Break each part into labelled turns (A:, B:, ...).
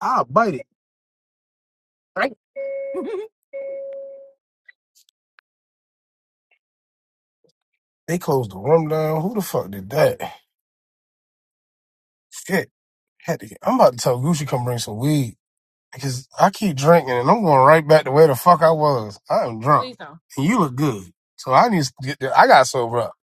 A: I'll bite it. They closed the room down. Who the fuck did that? Shit. Had to get, I'm about to tell Gucci come bring some weed. Because I keep drinking and I'm going right back to where the fuck I was. I am drunk. And you look good. So I need to get the, I got sober up.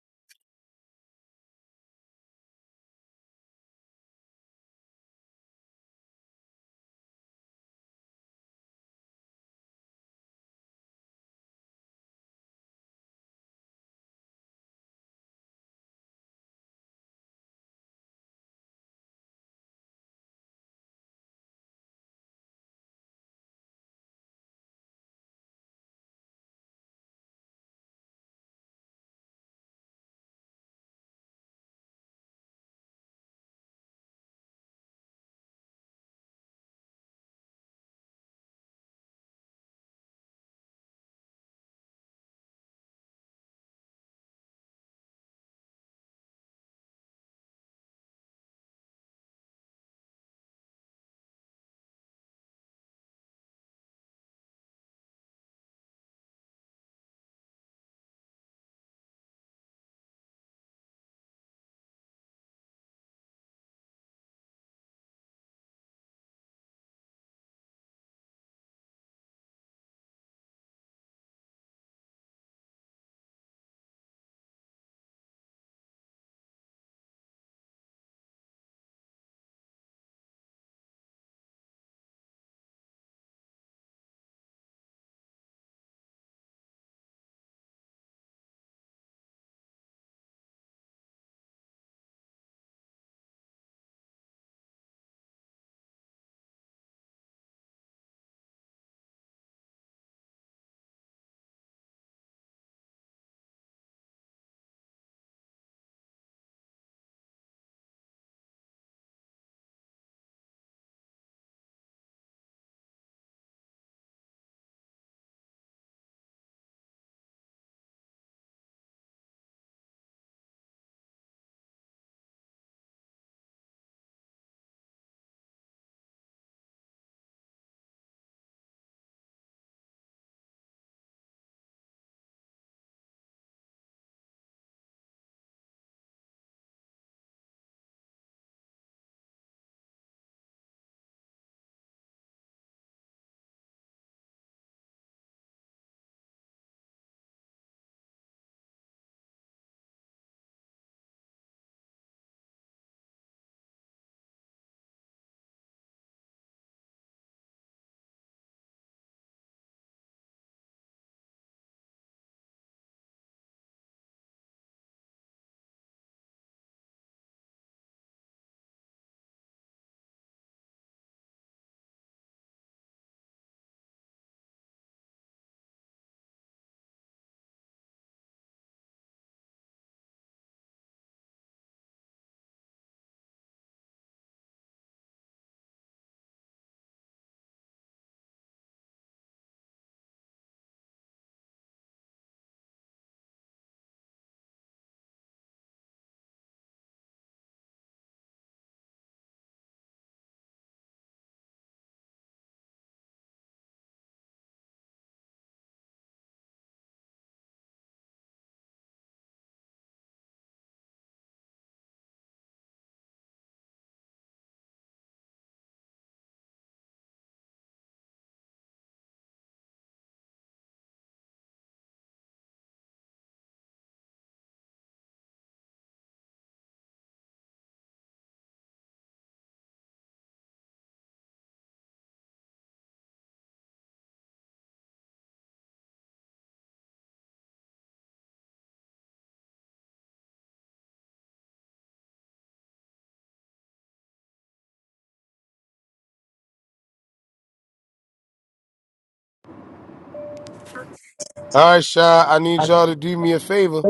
A: All right, Shy. I need
B: Yeah,
A: y'all to do me a favor.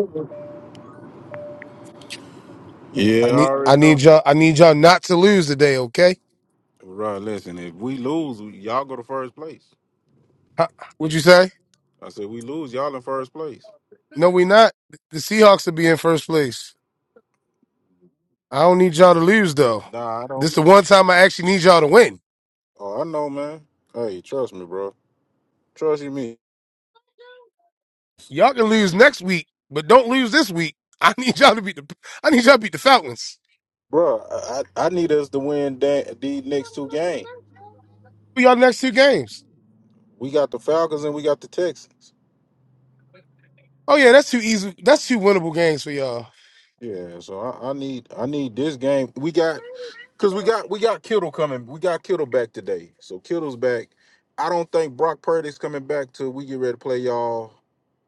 A: I
B: I
A: need I
B: already
A: need
B: know.
A: y'all I need y'all not to lose today, okay?
B: Right, listen, if we lose, y'all go to first place.
A: Huh, What'd you say?
B: I said, we lose, y'all in first place.
A: No, we not. The Seahawks will be in first place. I don't need y'all to lose though.
B: Nah, I
A: This
B: don't.
A: the one time I actually need y'all to win.
B: Oh, I know, man. Hey, trust me, bro. Trust you, me.
A: Y'all can lose next week, but don't lose this week. I need y'all to beat the I need y'all to beat the Falcons.
B: Bro, I, I I need us to win da- these next two games.
A: For y'all next two games.
B: We got the Falcons and we got the Texans.
A: Oh yeah, that's two easy that's two winnable games for y'all.
B: Yeah, so I, I need I need this game. We got Cause we got we got Kittle coming. We got Kittle back today. So Kittle's back. I don't think Brock Purdy's coming back till we get ready to play y'all.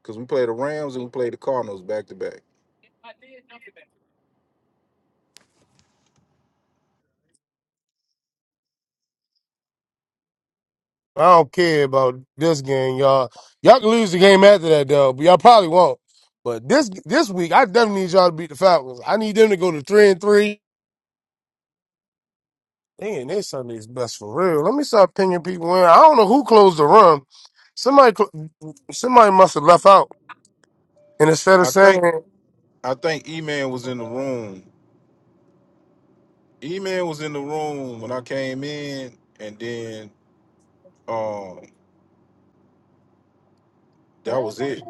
B: Cause we play the Rams and we play the Cardinals back to back.
A: I don't care about this game, y'all. Y'all can lose the game after that though, but y'all probably won't. But this this week I definitely need y'all to beat the Falcons. I need them to go to three and three. Dang, they Sunday's best for real. Let me start pinging people in. I don't know who closed the room. Somebody, cl- somebody must have left out. And instead of
B: I
A: saying,
B: think I think E Man was in the room. E Man was in the room when I came in and then um that was it.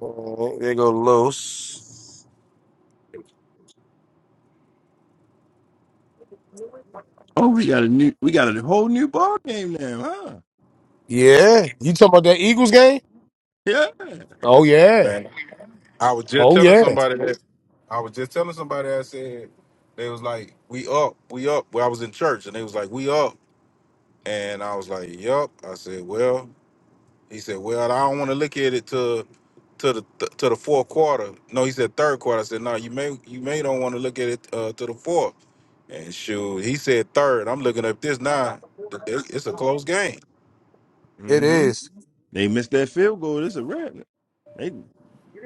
A: oh, "There go Los,"
C: Oh, we got a new, we got a whole new ball game now, huh?
A: yeah, you talking about that Eagles game?
C: Yeah.
A: Oh yeah,
B: Man. I was just
A: oh
B: telling
A: yeah,
B: somebody that I was just telling somebody I said they was like, We up, we up. Well I was in church and they was like, We up. And I was like, Yup. I said, Well, He said, "Well, I don't want to look at it to to the to the fourth quarter." No, he said third quarter. I said, "No, you may you may don't want to look at it uh, to the fourth." And shoot, he said third. I'm looking up this now. Th- th- It's a close game.
A: it
C: hmm
A: is.
C: They missed that field goal. This a wrap. They,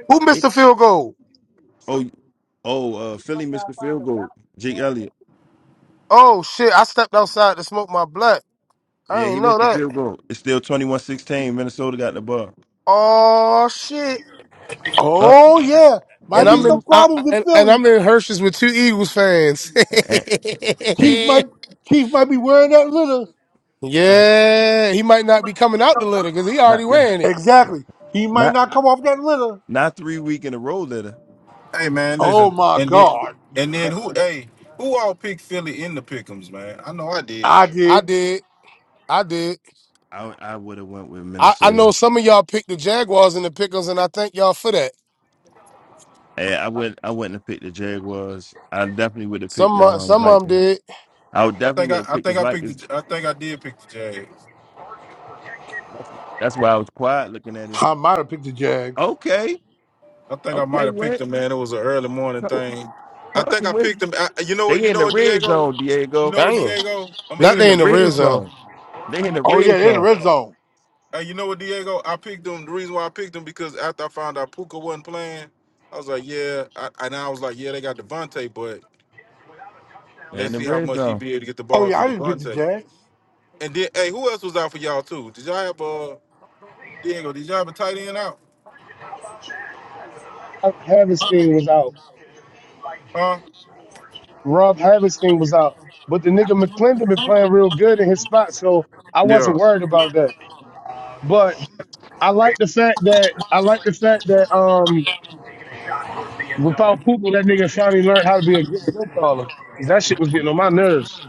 A: Who missed
C: they.
A: the field goal?
C: Oh, oh, uh, Philly missed the field goal. Jake Elliott.
A: Oh shit! I stepped outside to smoke my blunt. I
C: Yeah, he
A: ain't know
C: missed the
A: that.
C: field goal. It's still twenty-one sixteen. Minnesota got the ball.
A: Oh shit!
C: Up.
D: Oh
C: Uh,
D: yeah, might
A: And
D: be
A: I'm
D: some
A: in
C: mm,
A: I, I-
D: problems in
A: and, and
D: Philly.
A: I'm in Hershey's with two Eagles fans.
C: and, and
D: Keith might Keith might be wearing that litter.
B: Hey,
A: Yeah, he might not be coming out the litter because he
C: not,
A: already
C: not,
A: wearing it.
D: Exactly. He might
C: not,
D: not come off that litter.
C: not three week in a row. Later,
B: hey, man,
D: Oh
B: listen,
D: my
B: and then
D: God,
B: and then
C: I,
B: who? Hey, who all picked Philly in the pickems, man? I know I did.
D: I
A: I
D: did.
A: did. I did.
C: I would have went with
A: I, I know
C: Minnesota.
A: some of y'all picked the Jaguars and the Pickles, and I thank y'all for that.
C: Eh, I would, I wouldn't have picked the Jaguars. I definitely would have picked
A: Some of-
C: um
A: some of them
C: Vikings.
A: did.
C: I would
B: I
C: definitely
B: think
C: would
B: I,
C: have
B: I
C: picked the
B: think I picked the
C: Vikings
B: J- I think I did pick the Jags.
C: That's that's why I was quiet looking at it.
D: I might have picked the Jags.
C: Okay,
B: I think I might
C: okay,
B: have picked
C: Wentz,
B: them, man. It was an early morning
C: Cu-
B: thing. I think
C: Carson
B: I
C: Wentz.
B: picked them. I, you know what? You
C: They in
B: know
C: the
B: what,
C: red
B: Diego?
C: zone,
B: You
C: Diego.
B: know what,
A: Damn.
B: Diego? I'm gonna
C: They
A: Not
C: in
B: tell
A: they
B: you,
C: the
A: in the red
C: red
B: Diego.
A: zone.
C: zone. They
B: You
C: in
B: know,
C: the
D: Oh
B: you,
D: yeah,
C: red
D: they're in the
C: zone.
D: red zone.
B: uh, you know what, Diego? I picked him. The reason why I picked him because after I found out Puka wasn't playing, I was like, yeah. I, and I was like, yeah, they got Devontae, but
C: They in
B: let's
C: the
B: see how
C: red
B: much he
C: zone.
B: be able to get the
D: Oh
B: ball
D: yeah,
B: to
D: I didn't pick the
B: Devontae.
D: Jags.
B: And then, hey, who else was out for y'all too? Did y'all have uh, Diego? Did y'all have a tight end out?
A: Harvesting was out.
B: Huh?
A: Rob Harvesting was out. But the nigga McClendon been playing real good in his spot, so I wasn't
B: Yeah.
A: worried about that. But I like the fact that I like the fact that um without Pooper, that nigga finally learned how to be a good play caller. 'Cause That shit was getting on my nerves.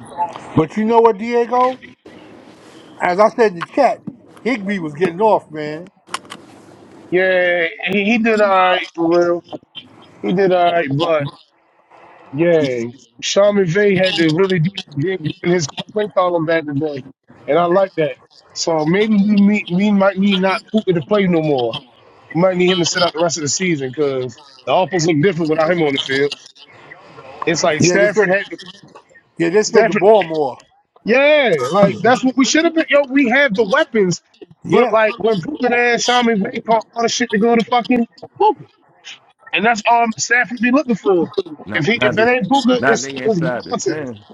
D: But you know what, Diego? As I said in the chat, Higby was getting off, man.
A: Yeah, he, he did all right for real. He did all right, but yeah, Sean McVay had to really dig dig in his play column back today, and I like that. So maybe we meet, we might need not Puka to play no more. We might need him to sit out the rest of the season because the offense look different without him on the field. It's like
D: Yeah, they
A: Stafford
D: spread.
A: had to,
D: Yeah, they spread the
A: Stafford,
D: ball more.
A: yeah, like that's what we should have been. Yo, we have the weapons, but
D: Yeah,
A: like when Puka and Sean McVay caught all the shit to go to fucking And that's um Stafford be looking for. If
C: Not,
A: he
C: not
A: if it
C: they,
A: ain't Booker,
C: not
A: it's,
C: they
A: it's
C: inside the
A: nonsense.
C: ten.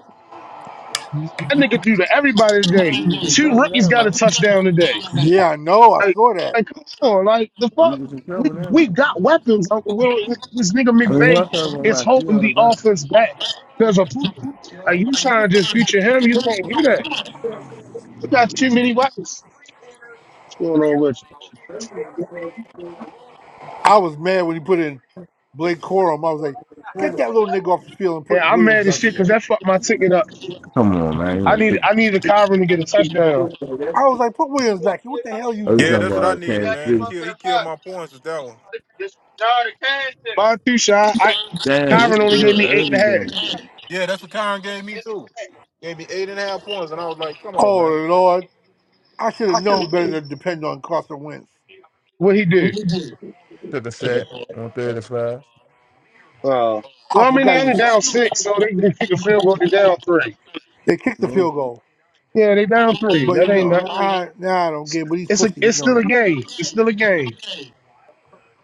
A: That nigga threw to everybody today.
C: We was in
A: Two
C: trouble
A: rookies
C: now,
A: got a
C: man.
A: touchdown today.
D: yeah, I know. I
A: Like,
D: saw that.
A: like come on, like the
C: We
A: fuck.
C: was in
A: We
C: trouble now.
A: we got weapons. Uncle Will. This nigga
C: I mean,
A: McVay
C: what else
A: is
C: was I see
A: holding
C: on the
A: the
C: back?
A: offense back because of Booker. Like you trying to just feature him, you can't do that. We got too many weapons. What's going on with you?
D: I was mad when he put in Blake Corum. I was like, get that little nigga off the field and
A: Yeah,
D: put
A: I'm
D: Williams
A: mad as
D: back in
A: shit
D: there.
A: because that fucked my ticket up.
C: Come on,
A: I
C: man.
A: need I need a Kyron to get a touchdown.
D: I was like, put Williams back in. What the hell you
C: Oh, you
B: Yeah,
C: talking
D: doing?
B: that's what I
C: about
B: needed,
C: Kansas
B: man. He
C: City?
B: killed. He killed my points with that one.
A: Just no, the cash did By two shot, I
C: Damn, it's
A: Tyron only
C: still
A: gave me eight and a
C: early
A: half.
C: game.
B: Yeah, that's what Kyron gave me
A: it.
B: too. Gave me eight and a half points, and I was like, come on,
D: Oh
B: man.
D: Lord, I should have
B: I could.
D: known better than to depend on Carson Wentz.
A: What he do?
C: Took a set on third and
A: Oh,
D: I
A: Well, I mean they
D: forgot he
A: only
D: was,
A: down six, so they can kick a field goal. They down three.
D: they kicked the
C: Yeah.
D: field goal,
A: Yeah, they down three.
D: but
A: That
D: you
A: ain't not.
D: know, I now I don't get. it, But he's
A: It's a.
D: pussy, You
A: It's
D: know
A: still a
D: that.
A: game. It's still a game.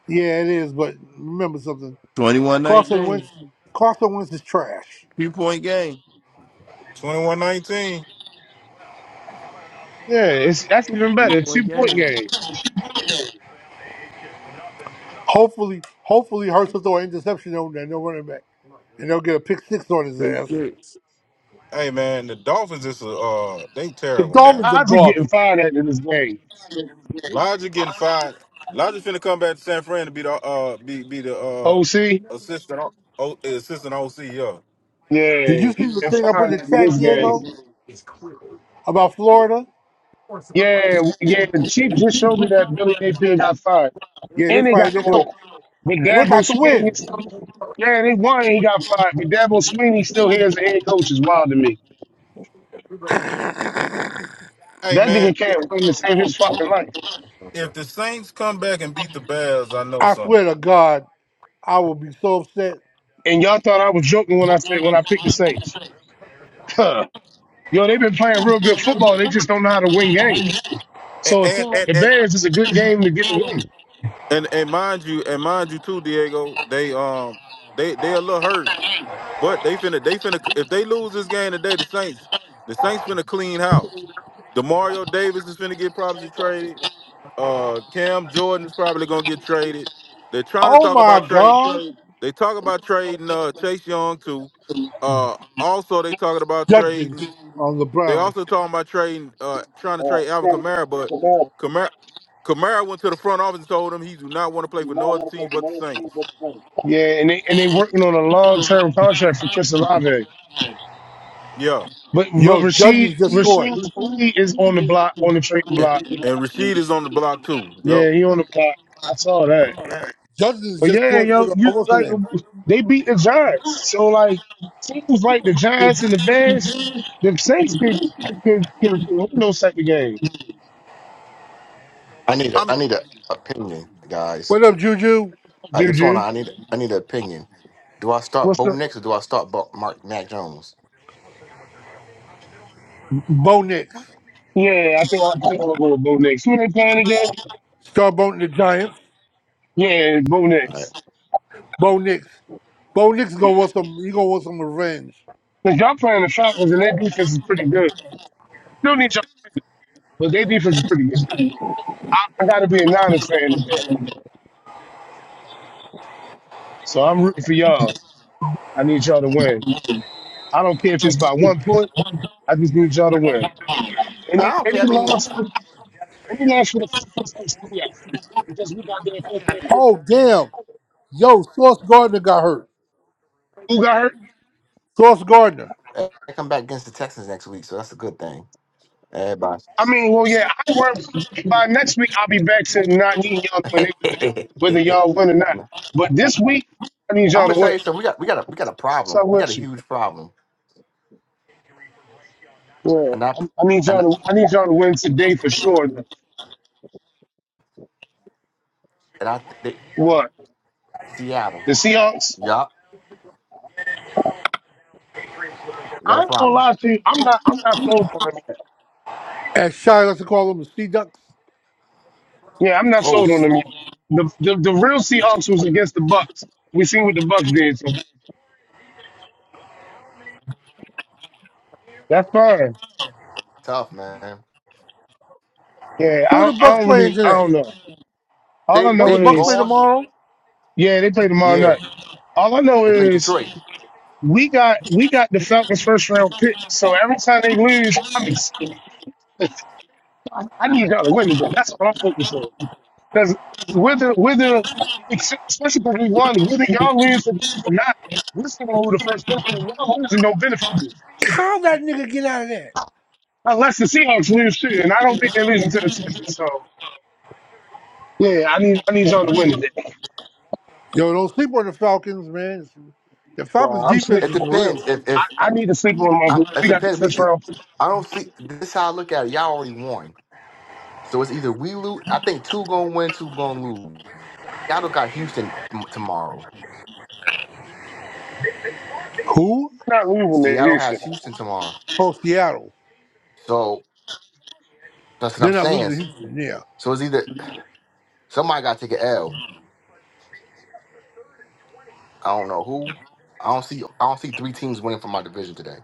D: Yeah, it is. But remember something,
C: 21
D: Carson Wentz,
C: nineteen.
D: Carson Wentz is trash.
C: Two point game.
B: Twenty-one nineteen.
A: Yeah, it's that's even
C: 3
A: better.
C: point
A: Two point
C: game.
A: game.
D: Hopefully, hopefully, Hurts will throw an interception over there, no running back, and they'll get a pick six on his ass.
C: Six
B: Hey man, the Dolphins is uh they
D: The
B: terrible, man.
D: Dolphins are
A: Odds are getting
D: garbage.
A: fired at in this game.
B: Lodger getting fired. Lodger's finna come back to San Fran to be the uh be be the uh
A: OC.
B: assistant O- O- assistant OC. Yeah.
D: Did
A: Yeah,
D: you
A: he
D: see the
A: getting
D: thing I put in the
A: fired at in
D: chat,
A: this game.
D: Diego, about Florida?
A: Yeah, yeah. The Chief just showed me that Billy Napier got fired,
D: Yeah, they
A: and they
D: fired
A: got the
D: their
A: win.
D: coach.
A: But
D: And they
A: Gabo
D: got the win.
A: Smith Yeah, they won and he got fired, but Dabo Sweeney still here as a head coach is wild to me.
B: Hey
A: That nigga
B: man, i-
A: can't win to save his fucking life.
B: if the Saints come back and beat the Bears, I know
D: I
B: something.
D: swear to God, I will be so upset.
A: And y'all thought I was joking when I said when I picked the Saints. Huh. Yo, they've been playing real good football. They just don't know how to win games.
B: And
A: So it's
B: and
A: the
B: and and,
A: Bears is a good game to get the win.
B: and, and mind you, and mind you too, Diego. They um they they a little hurt, but they finna they finna if they lose this game today, the Saints the Saints finna clean house. Demario Davis is finna get properly traded. uh Cam Jordan is probably gonna get traded. They're trying to
D: Oh
B: talk
D: my
B: about trade.
D: God.
B: They talk about trading uh Chase Young too. Uh also they talking about
D: Judkins
B: trading
D: on the
B: they
D: Browns.
B: also talking about trading uh trying to trade Alvin Kamara, but Kamara Kamara went to the front office and told him he do not want to play for no other team but the Saints.
A: Yeah, and they and they working on a long term contract for Chris Olave.
B: Yeah.
A: But but
D: Yo,
A: Rashid
D: Judkins just scored.
A: Rashid Lee is on the block on the trading
B: And,
A: block.
B: and Rashid is on the block too. Yo.
A: Yeah, he on the block. I saw that.
D: Judkins
A: But
D: just
A: yeah,
D: scored for
A: yo,
D: the
A: you
D: almost an
A: like
D: end.
A: they beat the Giants. So like teams like the Giants and the Bears, the Saints can can can win those type of games.
E: I need a I
B: I'm
E: need a opinion, guys.
D: What up, Juju?
E: Uh, what's going on?
A: Juju,
E: I need I need an opinion. Do I start
A: what's
E: Bo
A: the?
E: Nix or do I start Bo- Mark Mac Jones?
D: Bo Nix.
A: Yeah, I think I, I think I'll go with Bo Nix. Who they playing again?
D: Start boating the Giants.
A: Yeah, Bo
E: All right.
A: Nix.
D: Bo Nix. Bo Nix gonna want some he gonna want some revenge.
A: Cause y'all playing the Falcons and their defense is pretty good. Still need y'all, but their defense is pretty good. I gotta be a Niners fan today, so I'm rooting for y'all. I need y'all to win. I don't care if it's by one point. I just need y'all to win.
E: No, I
A: Any
E: don't care. I
A: any
E: mean,
A: loss. Let me ask you the first question you asked, because we got there.
D: Oh damn. Yo, Sauce Gardner got hurt.
A: Who got hurt?
D: Sauce Gardner.
E: I come back against the Texans next week, so that's a good thing. Everybody.
A: I mean, well, yeah, I work. By next week, I'll be back to not needing y'all to win anything, whether y'all win or not. But this week, I need
E: I'm
A: y'all
E: gonna
A: to
E: tell
A: win.
E: you something. We got we got a we got a
A: So
E: problem. We got a
A: with you.
E: huge problem,
A: Yeah,
E: and I
A: I, I need
E: and I,
A: y'all to. I need y'all to win today for sure.
E: and I they,
A: What
E: Seattle.
A: the Seahawks?
E: Yup, we got
A: I
E: a
A: ain't gonna
E: problem.
A: lie to you. I'm not. I'm not sold on them yet.
D: And Shy, let's call him the Sea Ducks.
A: Yeah,
C: six.
A: I'm not
E: Oh,
A: sold on
E: s-
A: them yet. The the, the real Seahawks was against the Bucks. We seen what the Bucks did. So that's fine.
E: tough man.
A: Yeah,
D: Who are
A: I,
D: the Bucks
A: I don't
D: playing
A: really, I don't
D: today?
A: know. All
E: They
A: I
D: Don't
A: know
D: the
E: they
D: Bucks play
A: is,
E: lost.
D: tomorrow?
A: yeah, they play tomorrow
E: Yeah,
A: night. All I know
E: they played
A: is
E: Detroit.
A: we got we got the Falcons first round pick. So every time they lose, I'm excited. I I need y'all to win today. That's all I'm focused on. Because whether whether especially because we won, whether y'all lose today or not, we're still gonna lose the first round. So Y'all losing don't benefit me today,
D: How that nigga get out of there?
A: unless the Seahawks lose too. And I don't think they're losing to the Texans. So yeah, I need I need y'all to win today.
D: Yo, don't sleep on the Falcons, man. The
A: Well,
D: Falcons
A: I'm sleep.
D: defense
E: It
D: is for
E: depends
D: real.
E: if if
A: I, I need to sleep on
E: I,
A: my.
E: it
A: We got the
E: depends. We,
A: first round.
E: I don't see this. is how I look at it. Y'all already won, so it's either we lose. I think two gonna win, two gonna lose. Seattle got Houston m- tomorrow.
D: Who?
A: We're not leaving to
E: Seattle
A: Houston.
E: has Houston tomorrow.
D: Oh, Seattle.
E: So that's what
D: They're
E: I'm
D: not
E: saying.
D: losing to Houston. Yeah.
E: So it's either somebody got to take an L. I don't know who. I don't see. I don't see three teams winning from my division today.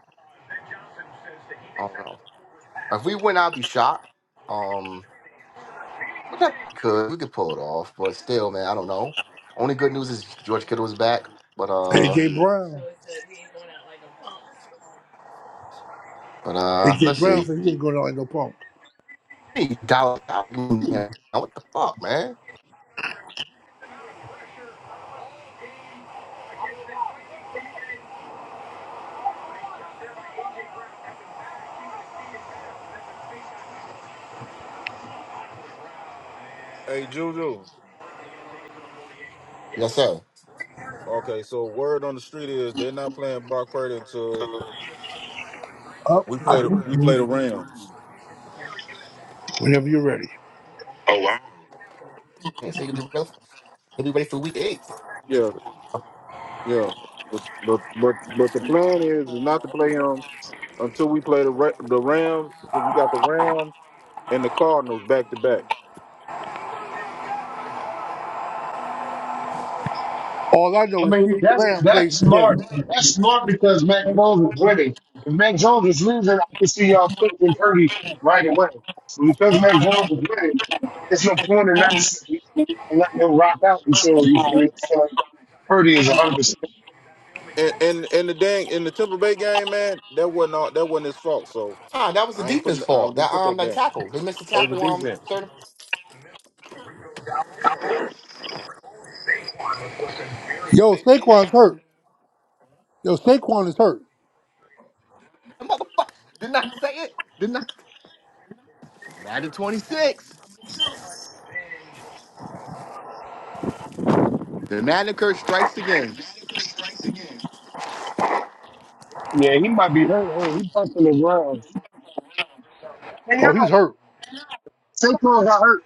E: I don't know. If we win, I'll be shocked. Um, but I think we could. We could pull it off. But still, man, I don't know. Only good news is George Kittle is back. But uh,
D: AJ Brown.
E: but uh,
D: AJ
E: let's
D: Brown
E: see.
D: said he ain't going to Orlando pump.
E: Hey, Dollar Dollar, man. What the fuck, man?
B: Hey Juju.
E: Yes, sir.
B: Okay, so word on the street is they're not playing Brock Purdy until
D: Up,
B: we
D: I
B: play
D: can
B: the we play the
D: repeat
B: Rams.
D: whenever you're ready. Oh wow.
E: They say he'll be ready. For, he'll be ready for week eight.
B: Yeah. Yeah, but but but, but the plan is not to play them until we play the Ra- the Rams because we got the Rams and the Cardinals back to back.
D: All I know is CeeDee
A: That's
D: Lamb
A: that's
D: plays today.
A: smart. That's smart because Mac Jones is winning. If Mac Jones is losing, I can see y'all flipping Purdy right away. So because Mac Jones is winning, it's no point in not letting him rock out until you feel it. So Purdy is 100. percent
B: And and and the dang in the Tampa Bay game, man, that wasn't all, that wasn't his fault. So
E: Ah, that was the
B: I ain't
E: defense
B: putting I
E: fault. That
B: didn't put that
E: um, that
B: game.
E: tackle. They missed the
B: That was
E: tackle.
B: the
E: Um,
B: defense.
E: third.
D: Yo, Saquon's hurt. Yo, Saquon is hurt.
E: Motherfucker. Did not say it. Did not. Madden twenty six. The Madden curse strikes again.
A: Yeah, he might be hurt. hurt. He bumping the ground. And
D: Oh, he's
A: y'all,
D: hurt.
A: Saquon got hurt.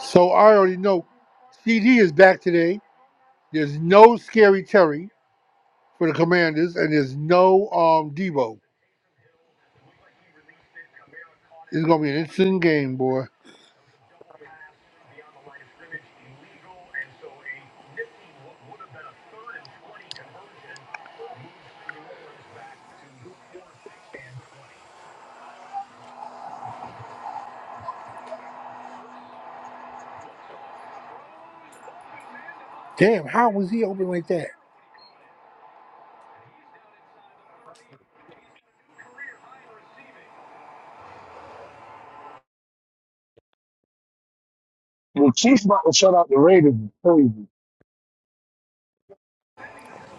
D: So I already know CD is back today. There's no scary Terry. for the Commanders, and there's no um Debo. It's gonna be an interesting game, boy. Damn, how was he open like that?
A: The Chiefs about to shut out the Raiders. Crazy.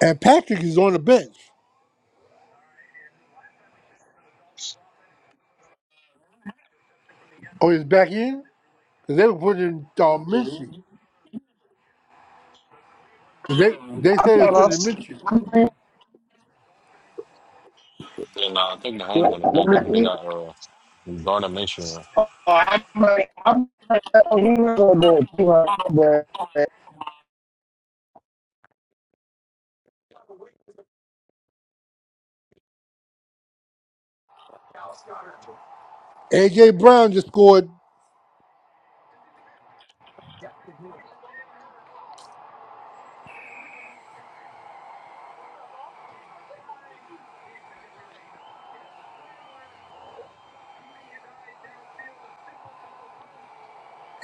D: And Patrick is on the bench. Oh, he's back in because they were putting in um, Minshew. 'Cause they they
A: I
D: said they it's
A: thought
D: putting in
A: us.
D: Minshew.
A: I mean,
F: And uh, I think the Hams
A: like,
F: on the bench. I think they got uh, Gardner Minshew.
A: Oh, I'm like, I'm like, oh, you know, but, you but,
D: AJ Brown just scored.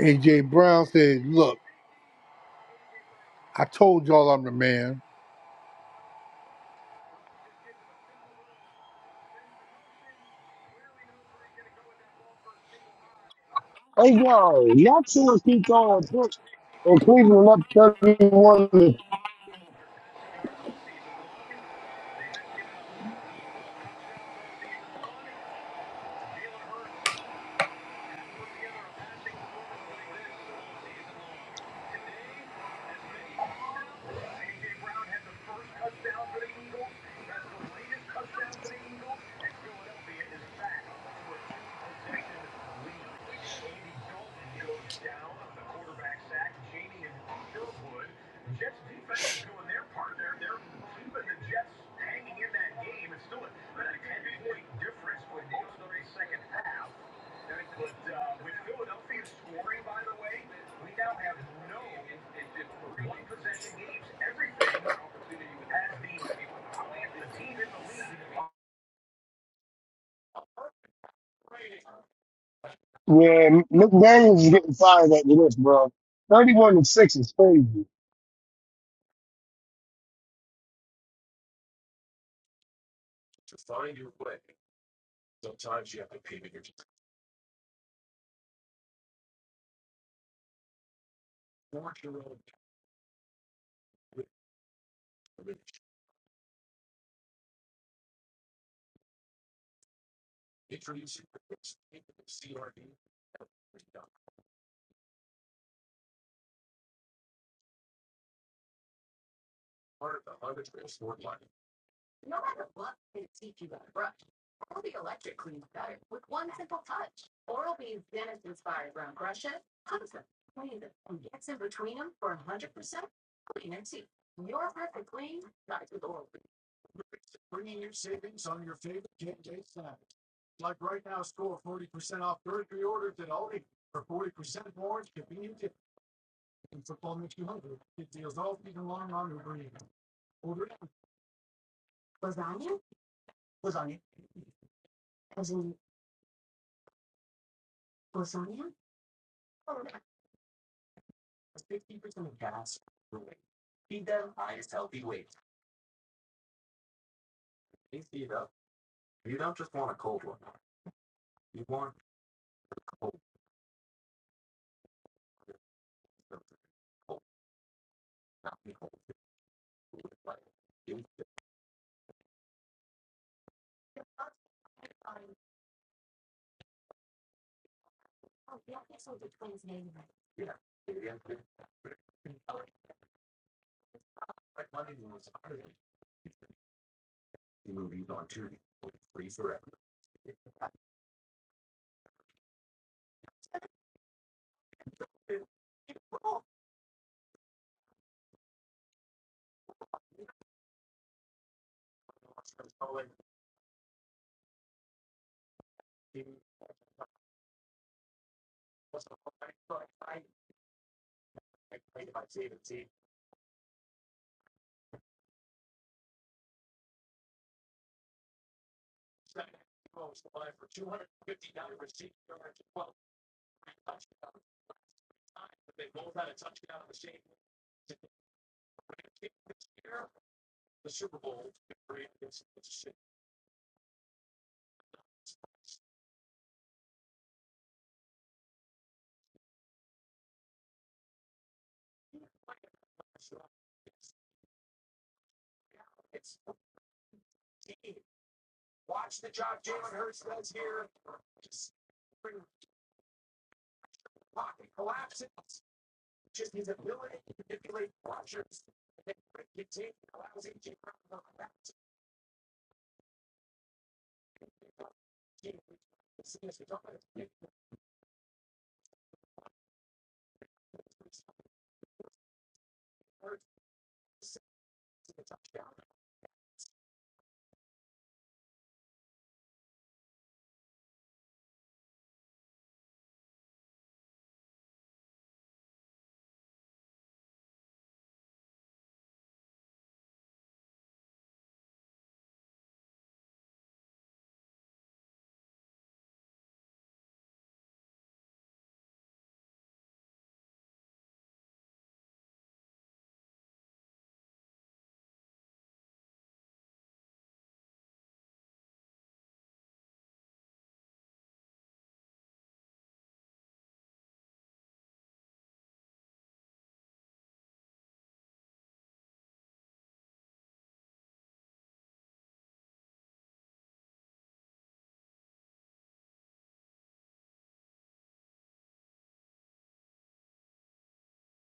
D: AJ Brown said, "Look, I told y'all I'm the man."
A: hey, yo, y'all two keep going. Put- Well, Cleveland up 31 to- when McDaniels is getting fired at this, bro. 31 to 6 is crazy.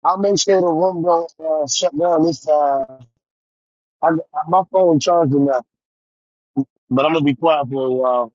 A: I'll make sure the room don't uh, shut down this time. I, I- my phone charging now, but I'm going to be quiet for a while.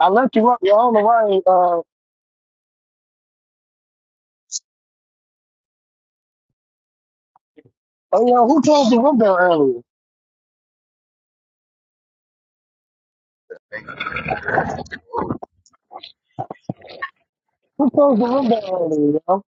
A: I left you up. You're on the right. Uh, oh, yo, who closed the room down earlier? Who closed the room down earlier, yo?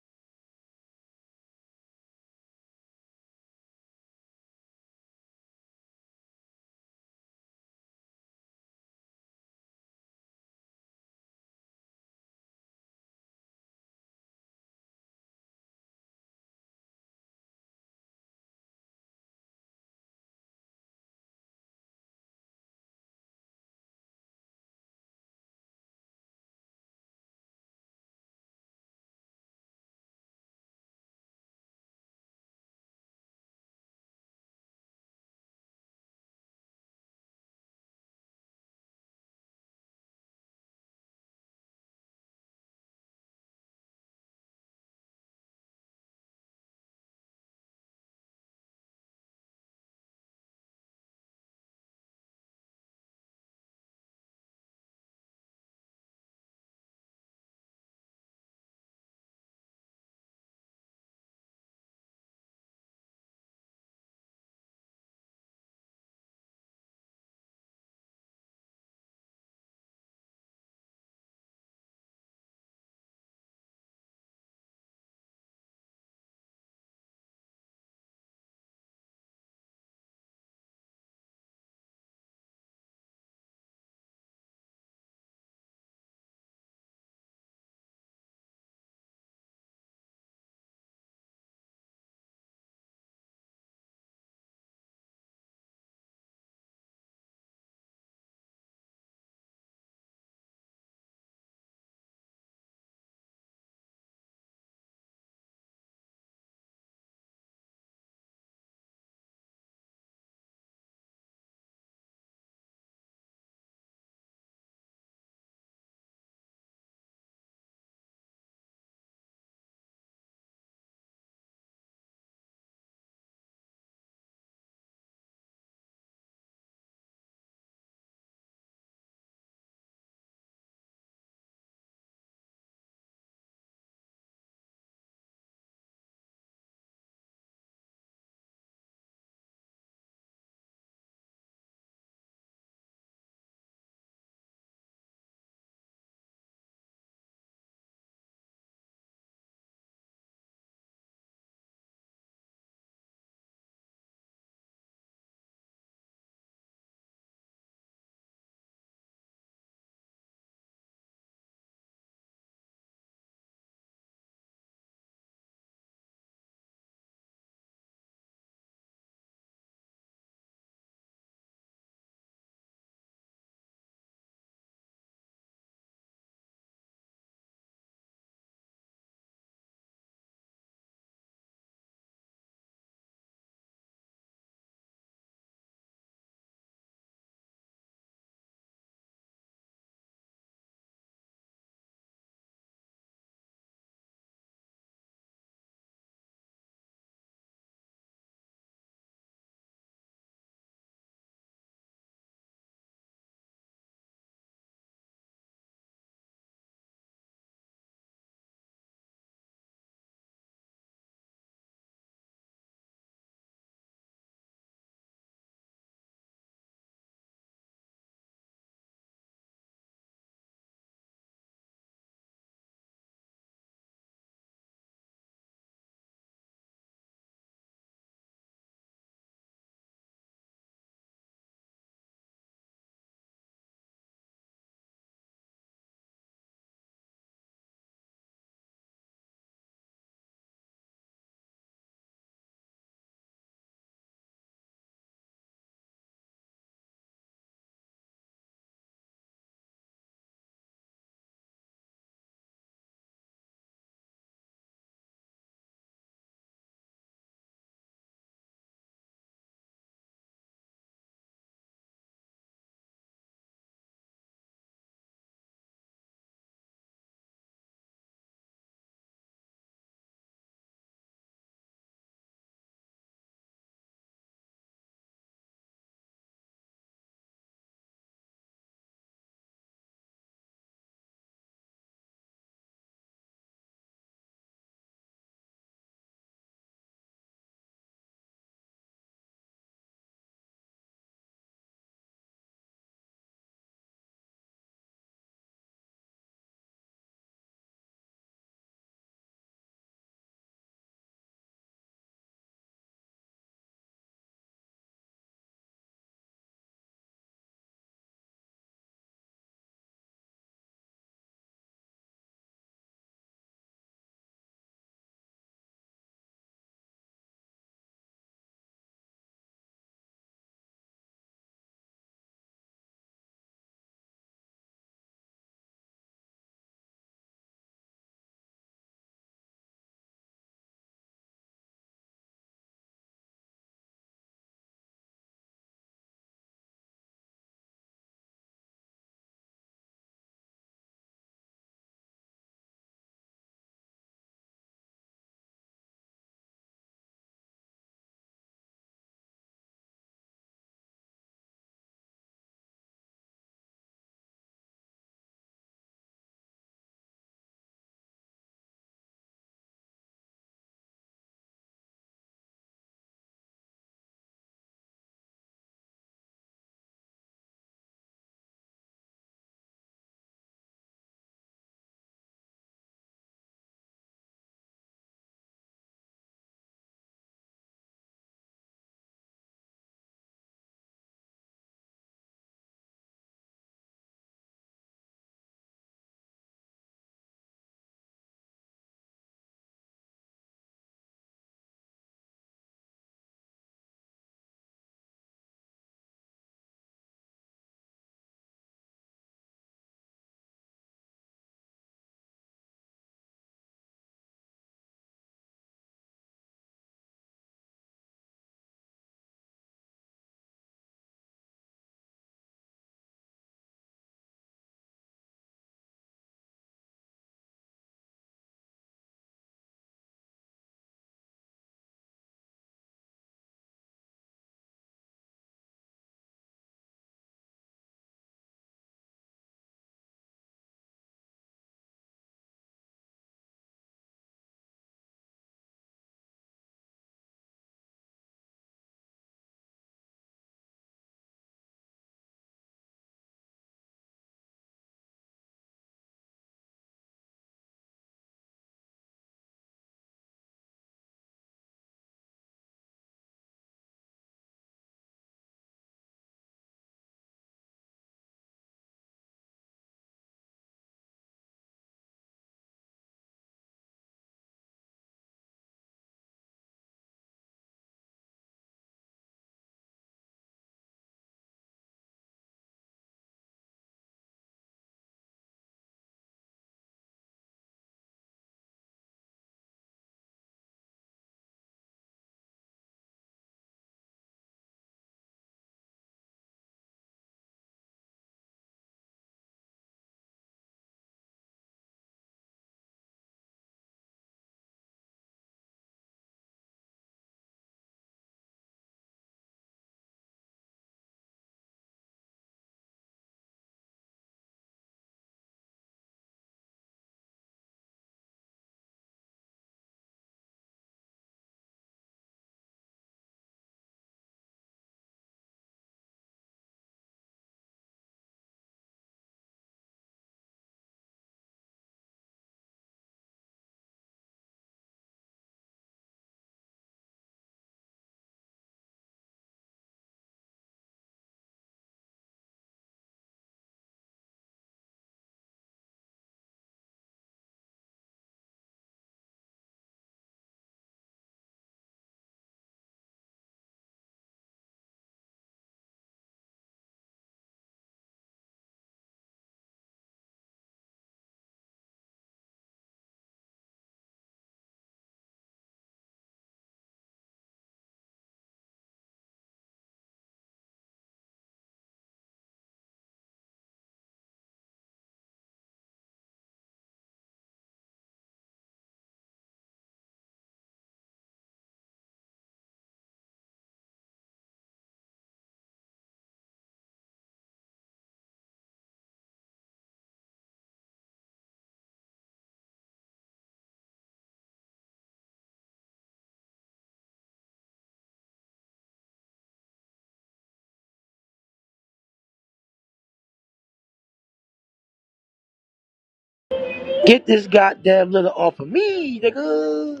G: Get this goddamn letter off of me, nigga.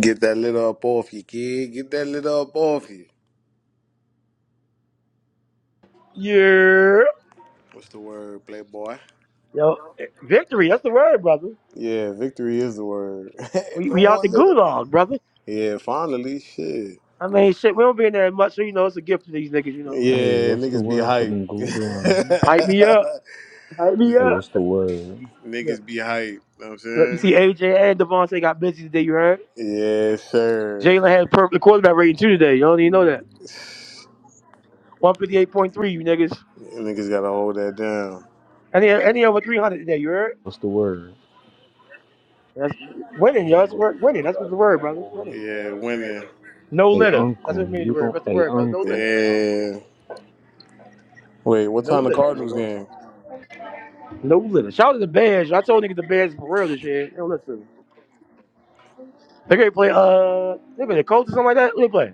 H: Get that lid up off you, kid. Get that lid up off you.
G: Yeah.
H: What's the word, playboy?
G: Yo, victory, that's the word, brother.
H: Yeah, victory is the word.
G: We,
H: no
G: we out
H: more
G: the
H: nigga.
G: gulag, brother.
H: Yeah, finally, shit.
G: I mean, shit, we don't be in there much, so you know, it's a gift to these niggas, you know.
I: Hey,
H: Yeah,
I: what's the
H: niggas be
I: word for
H: hype.
I: them
H: N-
I: goudron?
G: Pipe me up. Pipe me
I: Hey, what's
G: up.
I: the word?
G: Yeah.
H: niggas be hype. Know what I'm
G: Look, you
H: saying?
G: see AJ and Devontae got busy today, you heard?
H: Yeah, sure.
G: Jalen had a perfect quarterback rating too today. You don't even know that. 158.3, you niggas.
H: Niggas gotta hold that down.
G: Any, any over 300 today, you heard?
I: What's the word?
G: That's winning, yo. That's wor- winning. That's what's the word, brother. Winning.
H: Yeah, women.
G: No
I: Hey,
G: litter. That's what it
I: uncle,
G: means, the
I: you
G: word.
I: gon'
G: That's the
I: hey
G: word, brother. No
I: uncle.
G: litter.
H: Yeah. Wait, what
G: No
H: time the
G: litter,
H: Cardinals
G: nigga.
H: game?
G: No litter. Shout out to the Bears. I told niggas the Bears for real this year. Yo, listen. They gonna play uh they play the Colts or something like that. Who they play?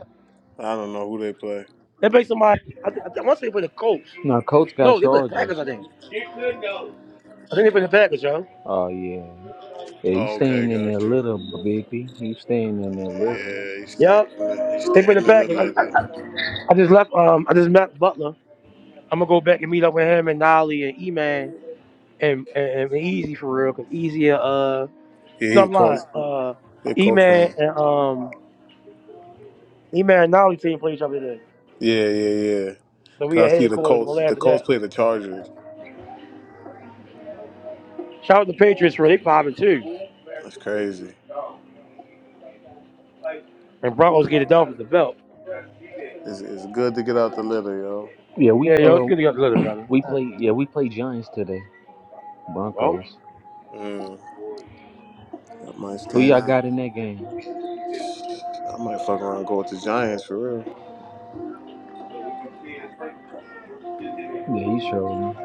H: I don't know who they play.
G: They play somebody I, th- I th- once they play the Colts.
I: Now, coach got
G: No, they play the
I: charges.
G: Packers, I think. I think they play the Packers, yo.
I: Oh yeah, yeah.
H: Oh,
I: He's
H: okay,
I: staying in
H: got
I: there
H: you.
I: little, baby. He's staying in there little.
H: Yeah, he's staying.
G: Yup.
H: in the- He's
G: They play
H: staying
G: the
H: in the
G: Packers. I, I,
H: leather.
G: I just left um I just met Butler. I'm gonna go back and meet up with him and Nolly and E Man and, and and Easy for real, cause Easy uh
H: Yeah,
G: no
H: he a
G: I'm lying.
H: Colts.
G: Uh
H: He a
G: E
H: Colts fan.
G: Man and um E Man and Nolly team play each other today.
H: Yeah, yeah, yeah.
G: So we
H: Cause
G: at
H: I see the
G: headquarters, we'll
H: Colts. The
G: laugh at
H: Colts
G: that.
H: play the Chargers.
G: Shout out to the Patriots for they five and two.
H: That's crazy.
G: And Broncos get it done with the belt.
H: It's, it's good to get out the litter, yo.
I: Yeah, we
G: Yeah, yo,
I: uh
G: it's good to go together, brother.
I: we play yeah we play Giants today.
G: Well,
I: Broncos.
H: Mm. I might
I: Who
H: stand
I: y'all
H: up.
I: got in that game?
H: I might fuck around and go with the Giants for real.
I: Yeah, he's trolling.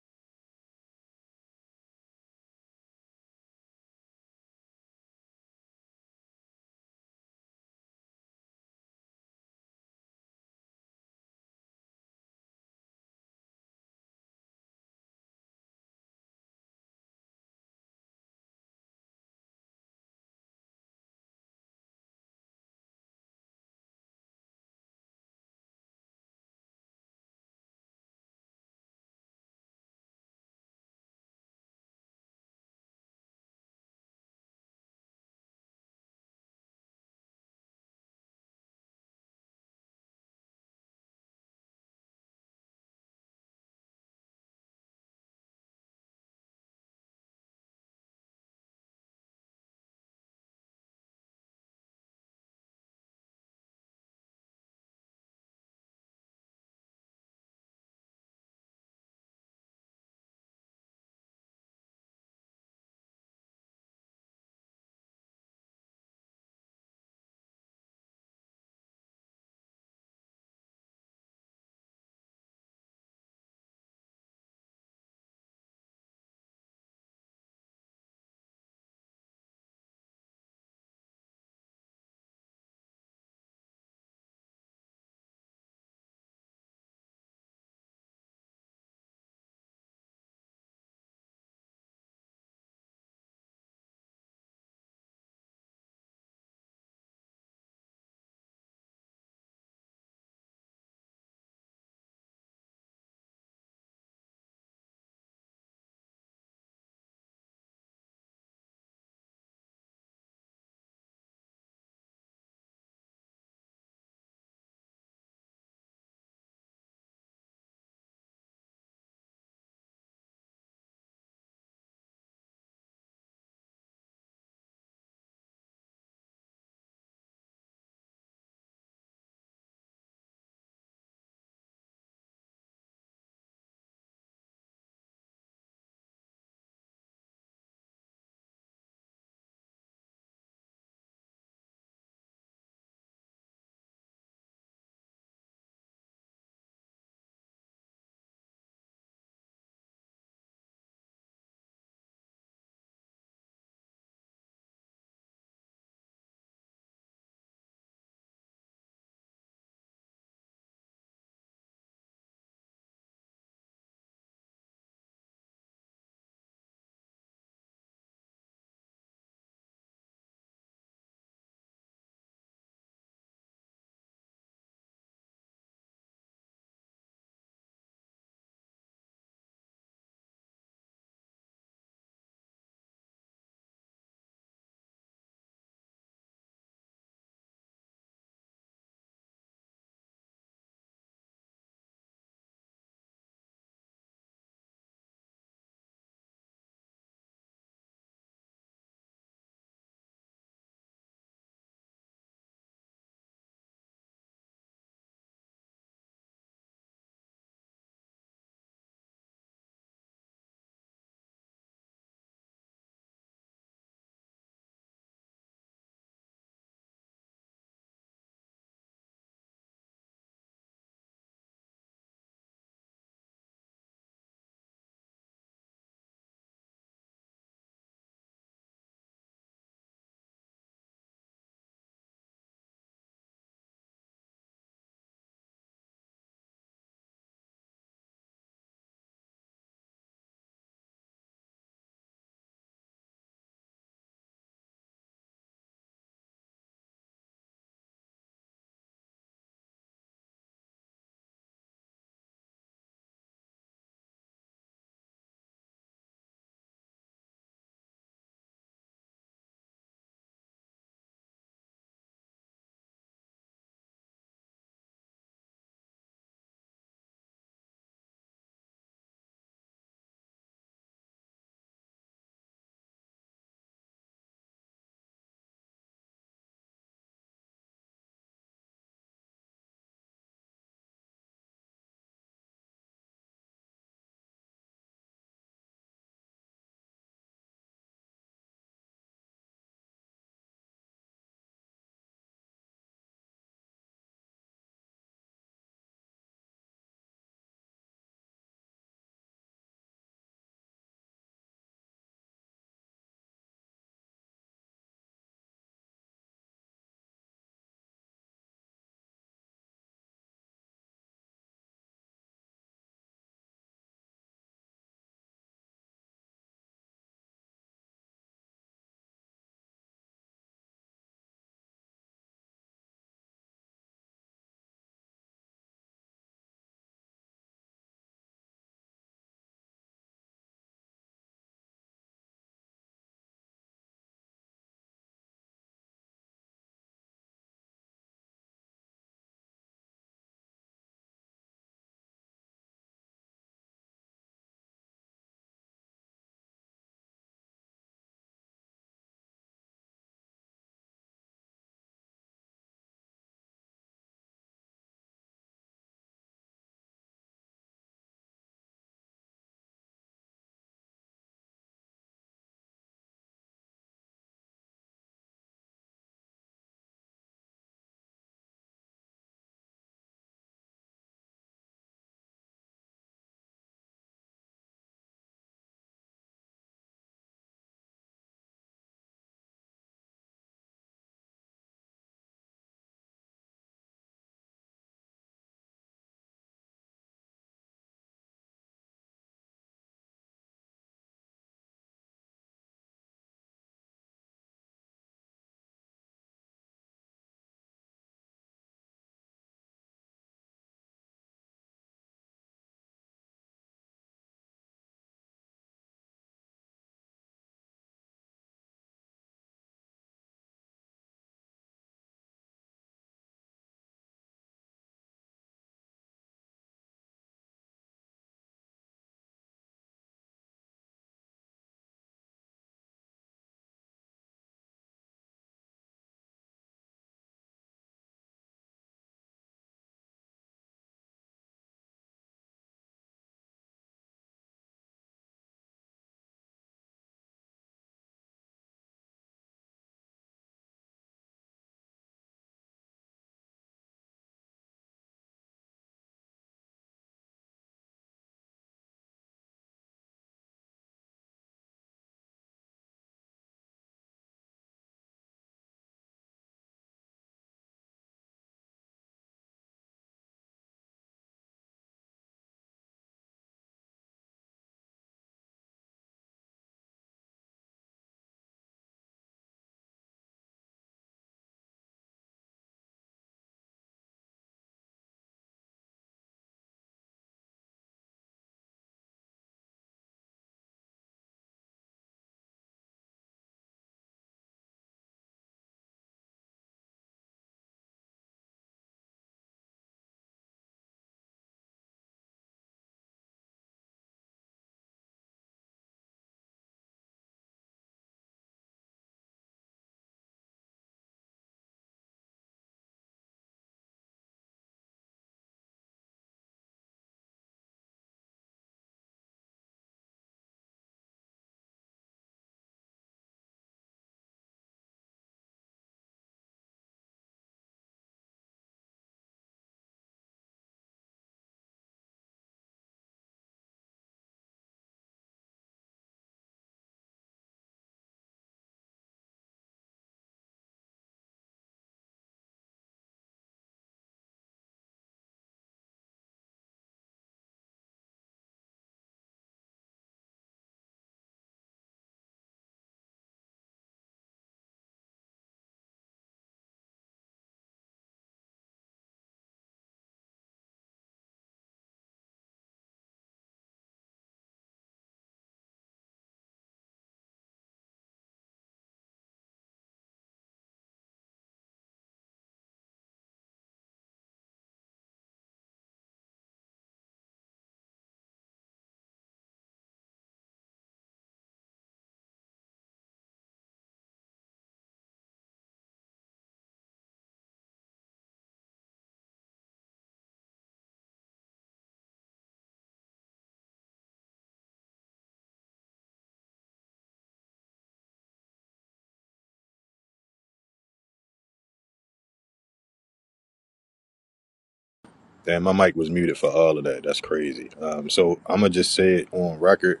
J: Damn, my mic was muted for all of that. That's crazy. Um, so I'm gonna just say it on record.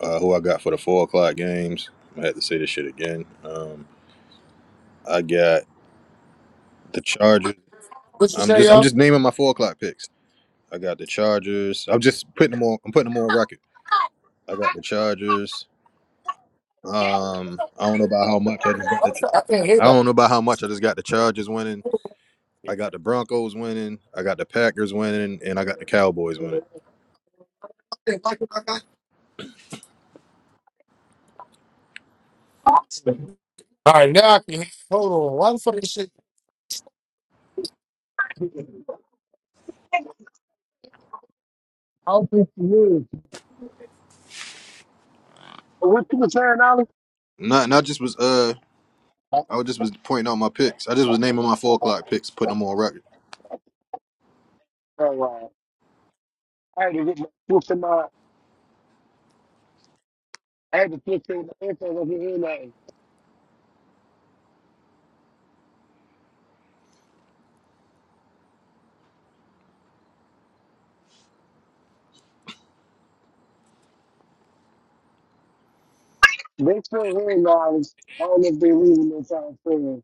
J: Uh, who I got for the four o'clock games? I had to say this shit again. Um, I got the Chargers.
A: What you
J: I'm
A: say,
J: just I'm
A: yo?
J: just naming my four o'clock picks. I got the Chargers. I'm just putting them on. I'm putting them on record. I got the Chargers. Um, I don't know about how much I just got the. Ch- I don't know about how much I just got the Chargers winning. I got the Broncos winning. I got the Packers winning, and I got the Cowboys winning.
A: All right, now I can hold on. Why the fuck this shit? I don't think you knew. What you were saying, Ollie?
J: Not not just was uh
A: Oh,
J: I just was pointing out my picks. I just was
A: oh,
J: naming my four
A: oh, oh,
J: o'clock picks, putting them on record.
A: oh. I had to get my switch in my. I had to switch in the info of the airline. They still hearing guys. I don't know if they're leaving this time soon.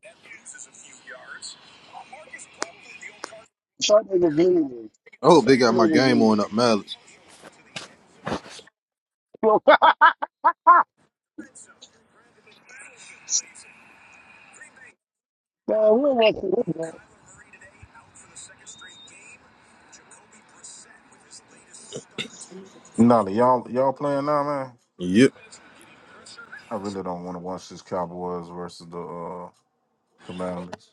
A: Some niggas leaving.
J: I hope they got
A: Some
J: my
A: niggas
J: game on
A: leaving.
J: up, Malice.
A: So, no, we don't want to do that.
B: Nolly, y'all y'all playing now, man.
J: Yep.
B: I really don't want to watch this Cowboys versus the uh, Commanders.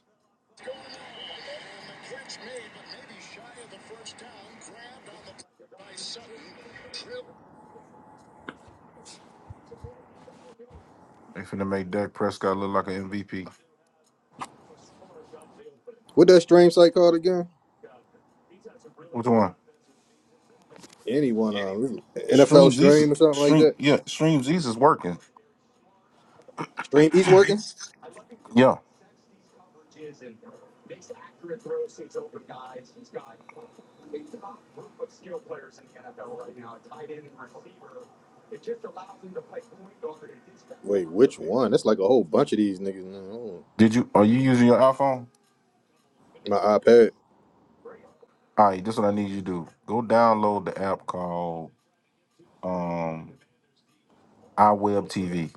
B: They finna make Dak Prescott look like an MVP.
J: What that stream site called again?
B: Which one?
J: Anyone? Um,
B: Stream
J: NFL
B: Jesus.
J: stream or something like
B: Stream
J: that.
B: yeah. Stream Jesus is working.
J: Stream East working.
B: Yeah.
J: Wait, which one? That's like a whole bunch of these niggas. Now. Hold
B: Did you are you using your iPhone?
J: on. My iPad.
B: All right, this is what I need you to do. Go download the app called um iWeb TV.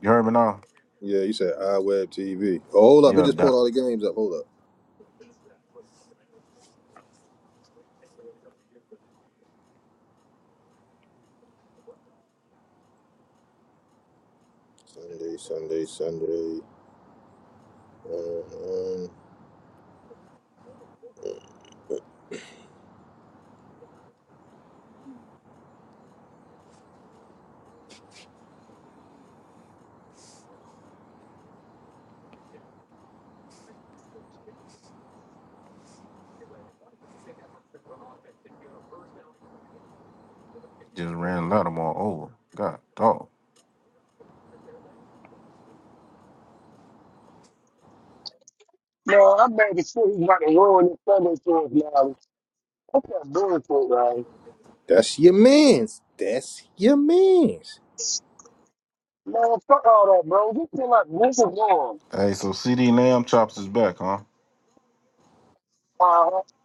B: You heard me now?
J: Yeah, you said iWeb TV. Oh, hold up, it
B: Yeah,
J: just
B: that
J: pulled all the games up. Hold up. Sunday, Sunday, Sunday. Um,
B: just ran Lattimore over. God dog.
A: No, I'm mad as shit. He's about to ruin this Sunday for us, Ollie. What's that doing for it, Ollie?
J: that's your man's. That's your man's.
A: No, fuck all that, bro. Just feel like this is wrong.
B: Hey, so CD Lamb Chops is back, huh?
A: Uh,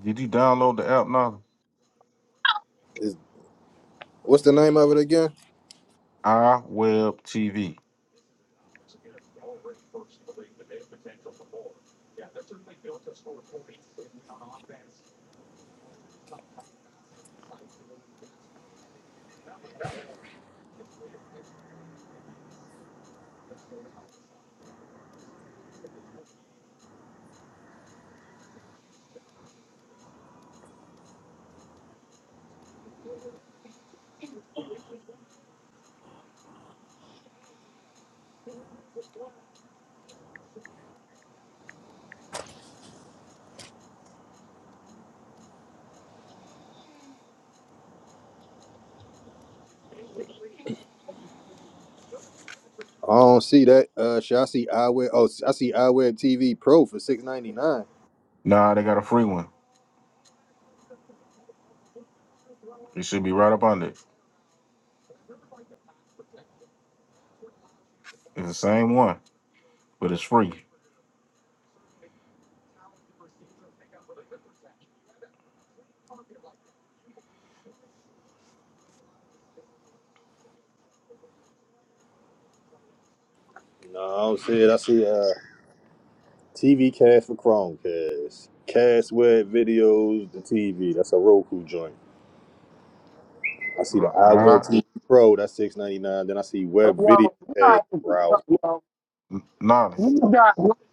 B: Did you download the app now?
J: Is, what's the name of it again?
B: iWeb TV.
J: I don't see that. Uh, shit, I see iWeb. Oh, I see iWeb TV Pro for six ninety nine.
B: Nah, they got a free one. It should be right up under it. It's the same one, but it's free.
J: No, I don't see it. I see uh TV Cast for Chromecast, Cast Web Videos, the TV. That's a Roku joint. I see
B: Uh,
J: the
B: I,
J: iWeb TV Pro. That's six ninety nine. Then I see
A: Yo,
J: Web
A: you
J: Video Cast
A: got,
J: browser.
A: yo,
B: nah,
A: you got, yo,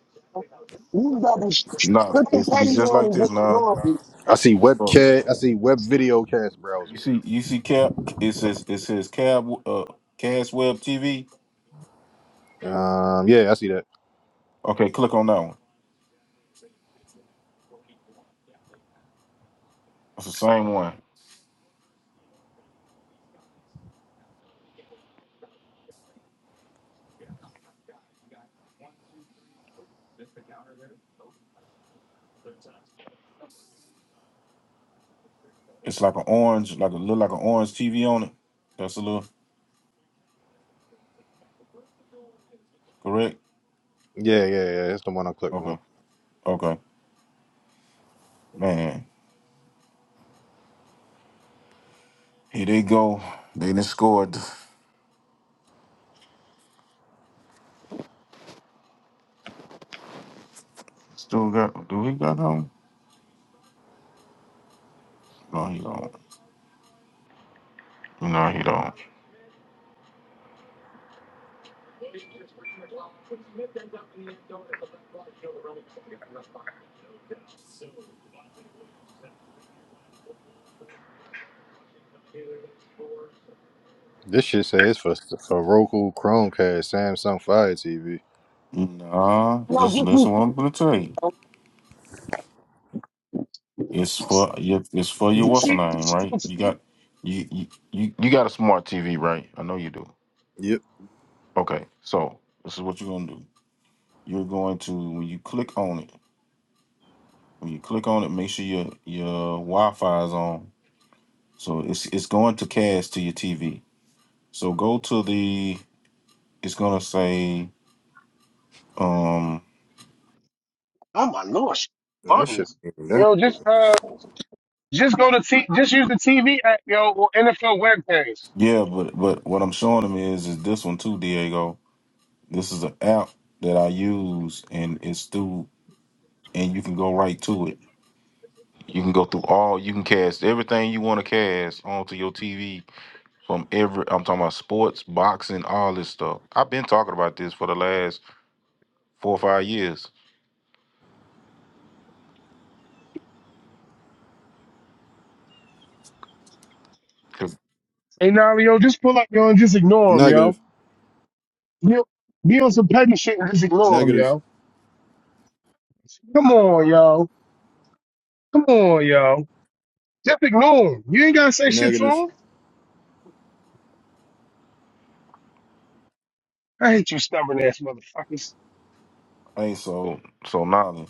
A: you got to sh-
B: nah,
A: put the
B: it should be
A: petty
B: just like
A: on and
B: this,
A: just
B: nah.
A: ignore me.
J: I see Webcast. I see Web Video Cast browser.
B: You see, you see, Cap. It says it says Cab uh Cas Web TV.
J: Um, yeah, I see that.
B: Okay, click on that one. It's the same one. It's like an orange, like a look like an orange TV on it. That's a little correct.
J: Yeah, yeah, yeah. That's the one I clicked on.
B: Okay, okay, man. Here they go. They did scored. Still got? Do he got home? No, he don't. No, he don't.
J: This shit says for for Roku, Chromecast, Samsung Fire TV.
B: Nah,
A: No,
B: just
A: just
B: listen what
A: be,
B: I'm gonna tell you.
A: yo,
B: It's
A: just,
B: for your, it's for your what's the name,
A: be-
B: right? You
A: just,
B: got you you you you got a smart TV, right? I know you do.
J: Yep,
B: Okay, so this is what you're gonna do. You're going to when you click on it, when you click on it, make sure your your Wi-Fi is on. So it's it's going to cast to your TV. So go to the. It's gonna say, um,
A: oh my lord, she-
J: that
A: buggles.
J: shit.
A: Yo, just, uh, just go to T, just use the TV app, yo, or NFL web page.
B: yeah, but but what I'm showing them is is this one too, Diego. This is an app that I use, and it's through, and you can go right to it. You can go through all. You can cast everything you want to cast onto your TV from every I'm talking about sports, boxing, all this stuff. I've been talking about this for the last four or five years. 'Cause-
A: Hey, now, yo, just pull up, yo, and just ignore him, yo.
J: Negative,
A: Yo, be on some petty shit and just ignore him,
J: negative,
A: yo. Come on, yo. Come on, yo. Just ignore him. You ain't gotta say shit to
J: negative.
A: him. I hate you stubborn ass motherfuckers.
B: Hey, so so Nolly,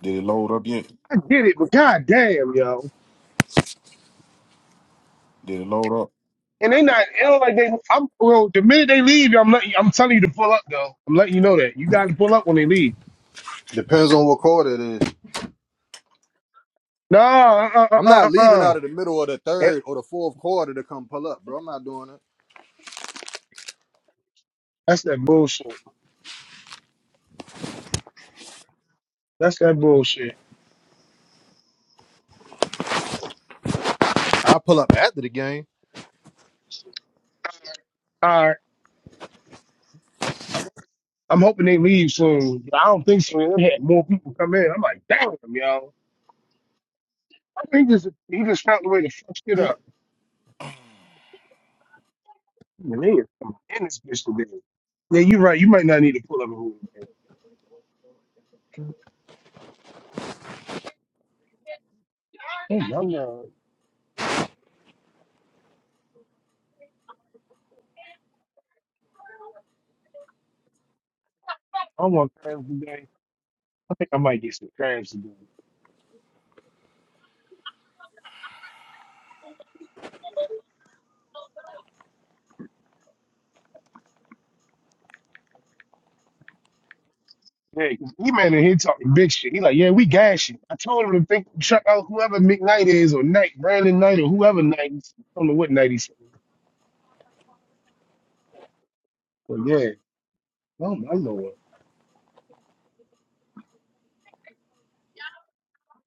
B: did it load up yet?
A: get it, but goddamn, yo.
B: Did it load up?
A: And they not, it don't like they, I'm, well, the minute they leave, I'm letting, I'm telling you to pull up, though. I'm letting you know that. You got to pull up when they leave.
J: Depends on what quarter it is.
A: No, uh, uh, uh,
J: I'm not
A: uh,
J: leaving
A: uh.
J: out of the middle of the
A: That,
J: third or the fourth quarter to come pull up, bro. I'm not doing it.
A: that's that bullshit. That's that bullshit.
J: I'll pull up after the game.
A: All right. I'm hoping they leave soon. but I don't think so. They had more people come in. I'm like, damn, yo. I think this, he just found a way to fuck shit up. Man, they is coming in this bitch today. Yeah, you're right. You might not need to pull up a whole day. Hey, I'm not, I want crabs today. I think I might get some crabs today. Hey, he man in here talking big shit. He like, yeah, we gashing. I told him to think check out whoever Mick Knight is or Knight, Brandon Knight or whoever Knight is. I don't know what Knight he's But yeah, oh my lord.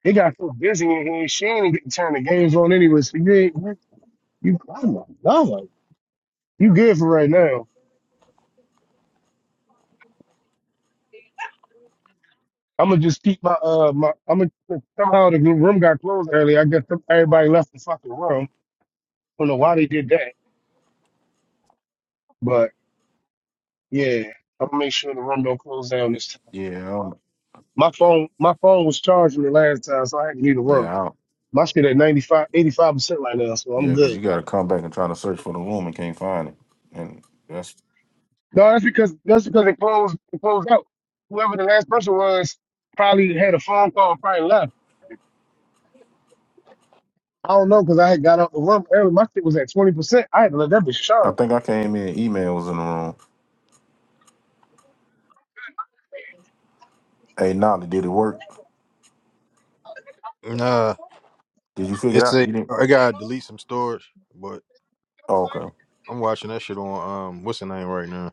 A: He got so busy in here, she ain't even getting turn the games on anyway. So you ain't you you- oh my god. like, You good for right now. I'ma just keep my uh my I'ma somehow the room got closed early. I guess everybody left the fucking room. Don't know why they did that. But yeah, I'm gonna make sure the room don't close down this time.
B: Yeah, I don't,
A: My phone, my phone was charging the last time, so I had to leave the
B: yeah,
A: room.
B: I don't,
A: My shit at 95, 85 percent right now, so I'm
B: yeah. Because
A: good.
B: you got to come back and try to search for the room and can't find it. And that's
A: No, that's because that's because it closed it closed out. Whoever the last person was probably had a phone call, probably left. I don't know because I had got out the room early. My shit was at twenty percent. I had to let that bitch
B: I
A: charge.
B: think I came in email was in the room. Hey, Nolly, did it work?
J: Nah,
B: Did you figure it
J: it's
B: out?
J: a.
B: You didn't?
J: I gotta delete some storage, but
B: Oh, okay.
J: I'm watching that shit on um, what's the name right now?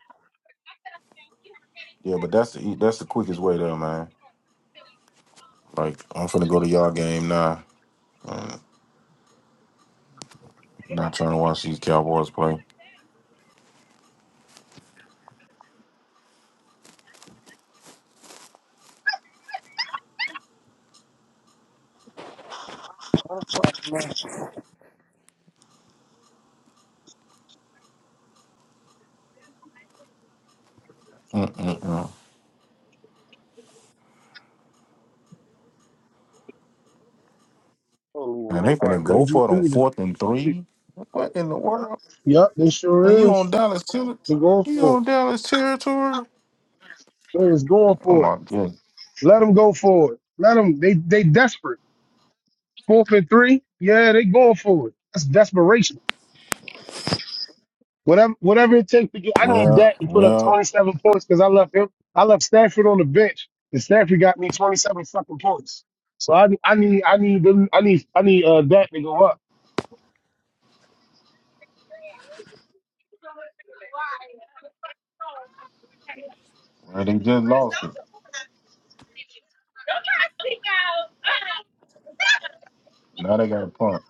B: Yeah, but that's the e- that's the quickest way there, man. Like I'm finna go to y'all game now. Not trying to watch these Cowboys play.
A: I don't fucking know.
B: And
A: know
B: they
A: how to
B: finna go
A: you.
B: for it
A: You
B: on
A: need to-
B: fourth and three. What in the world?
A: Yup, they
B: And
A: sure
B: you on
A: is.
B: Dallas territory?
A: They're going
B: You
A: for it.
B: on Dallas territory?
A: They're going
B: Oh
A: for it.
B: my goodness.
A: Let them go for it. Let them. They they desperate. Fourth and three. Yeah, they going for it. That's desperation. Whatever whatever it takes to get I need
B: Well,
A: Dak to put up
B: well,
A: twenty seven points because I left him I left Stafford on the bench and Stafford got me twenty seven fucking points. So I I need I need them I need I need uh Dak to go up.
B: well, they just lost it. Now they got a punt.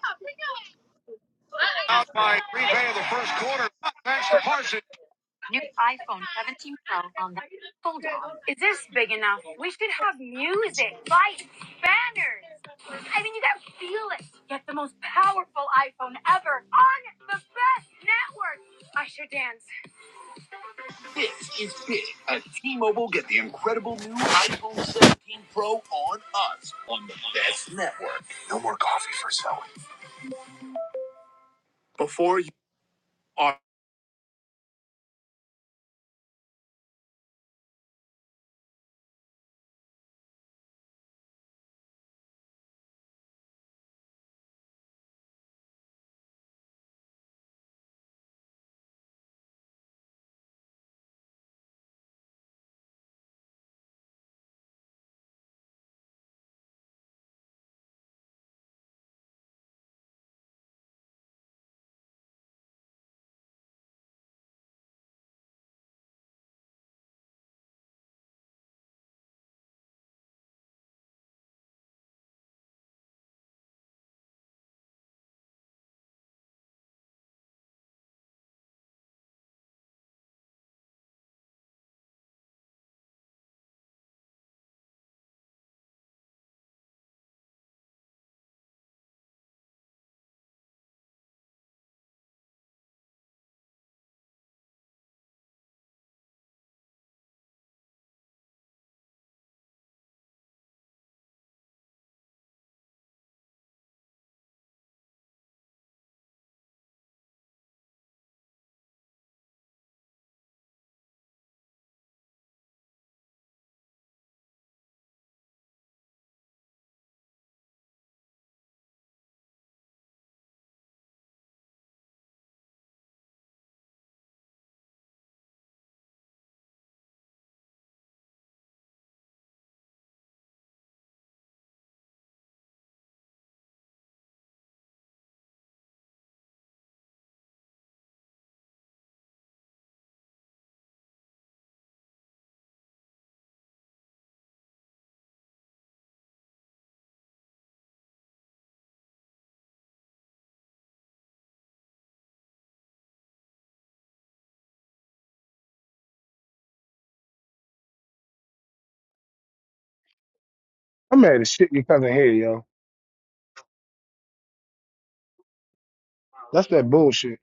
A: I'm mad as shit your cousin here, yo. That's that bullshit.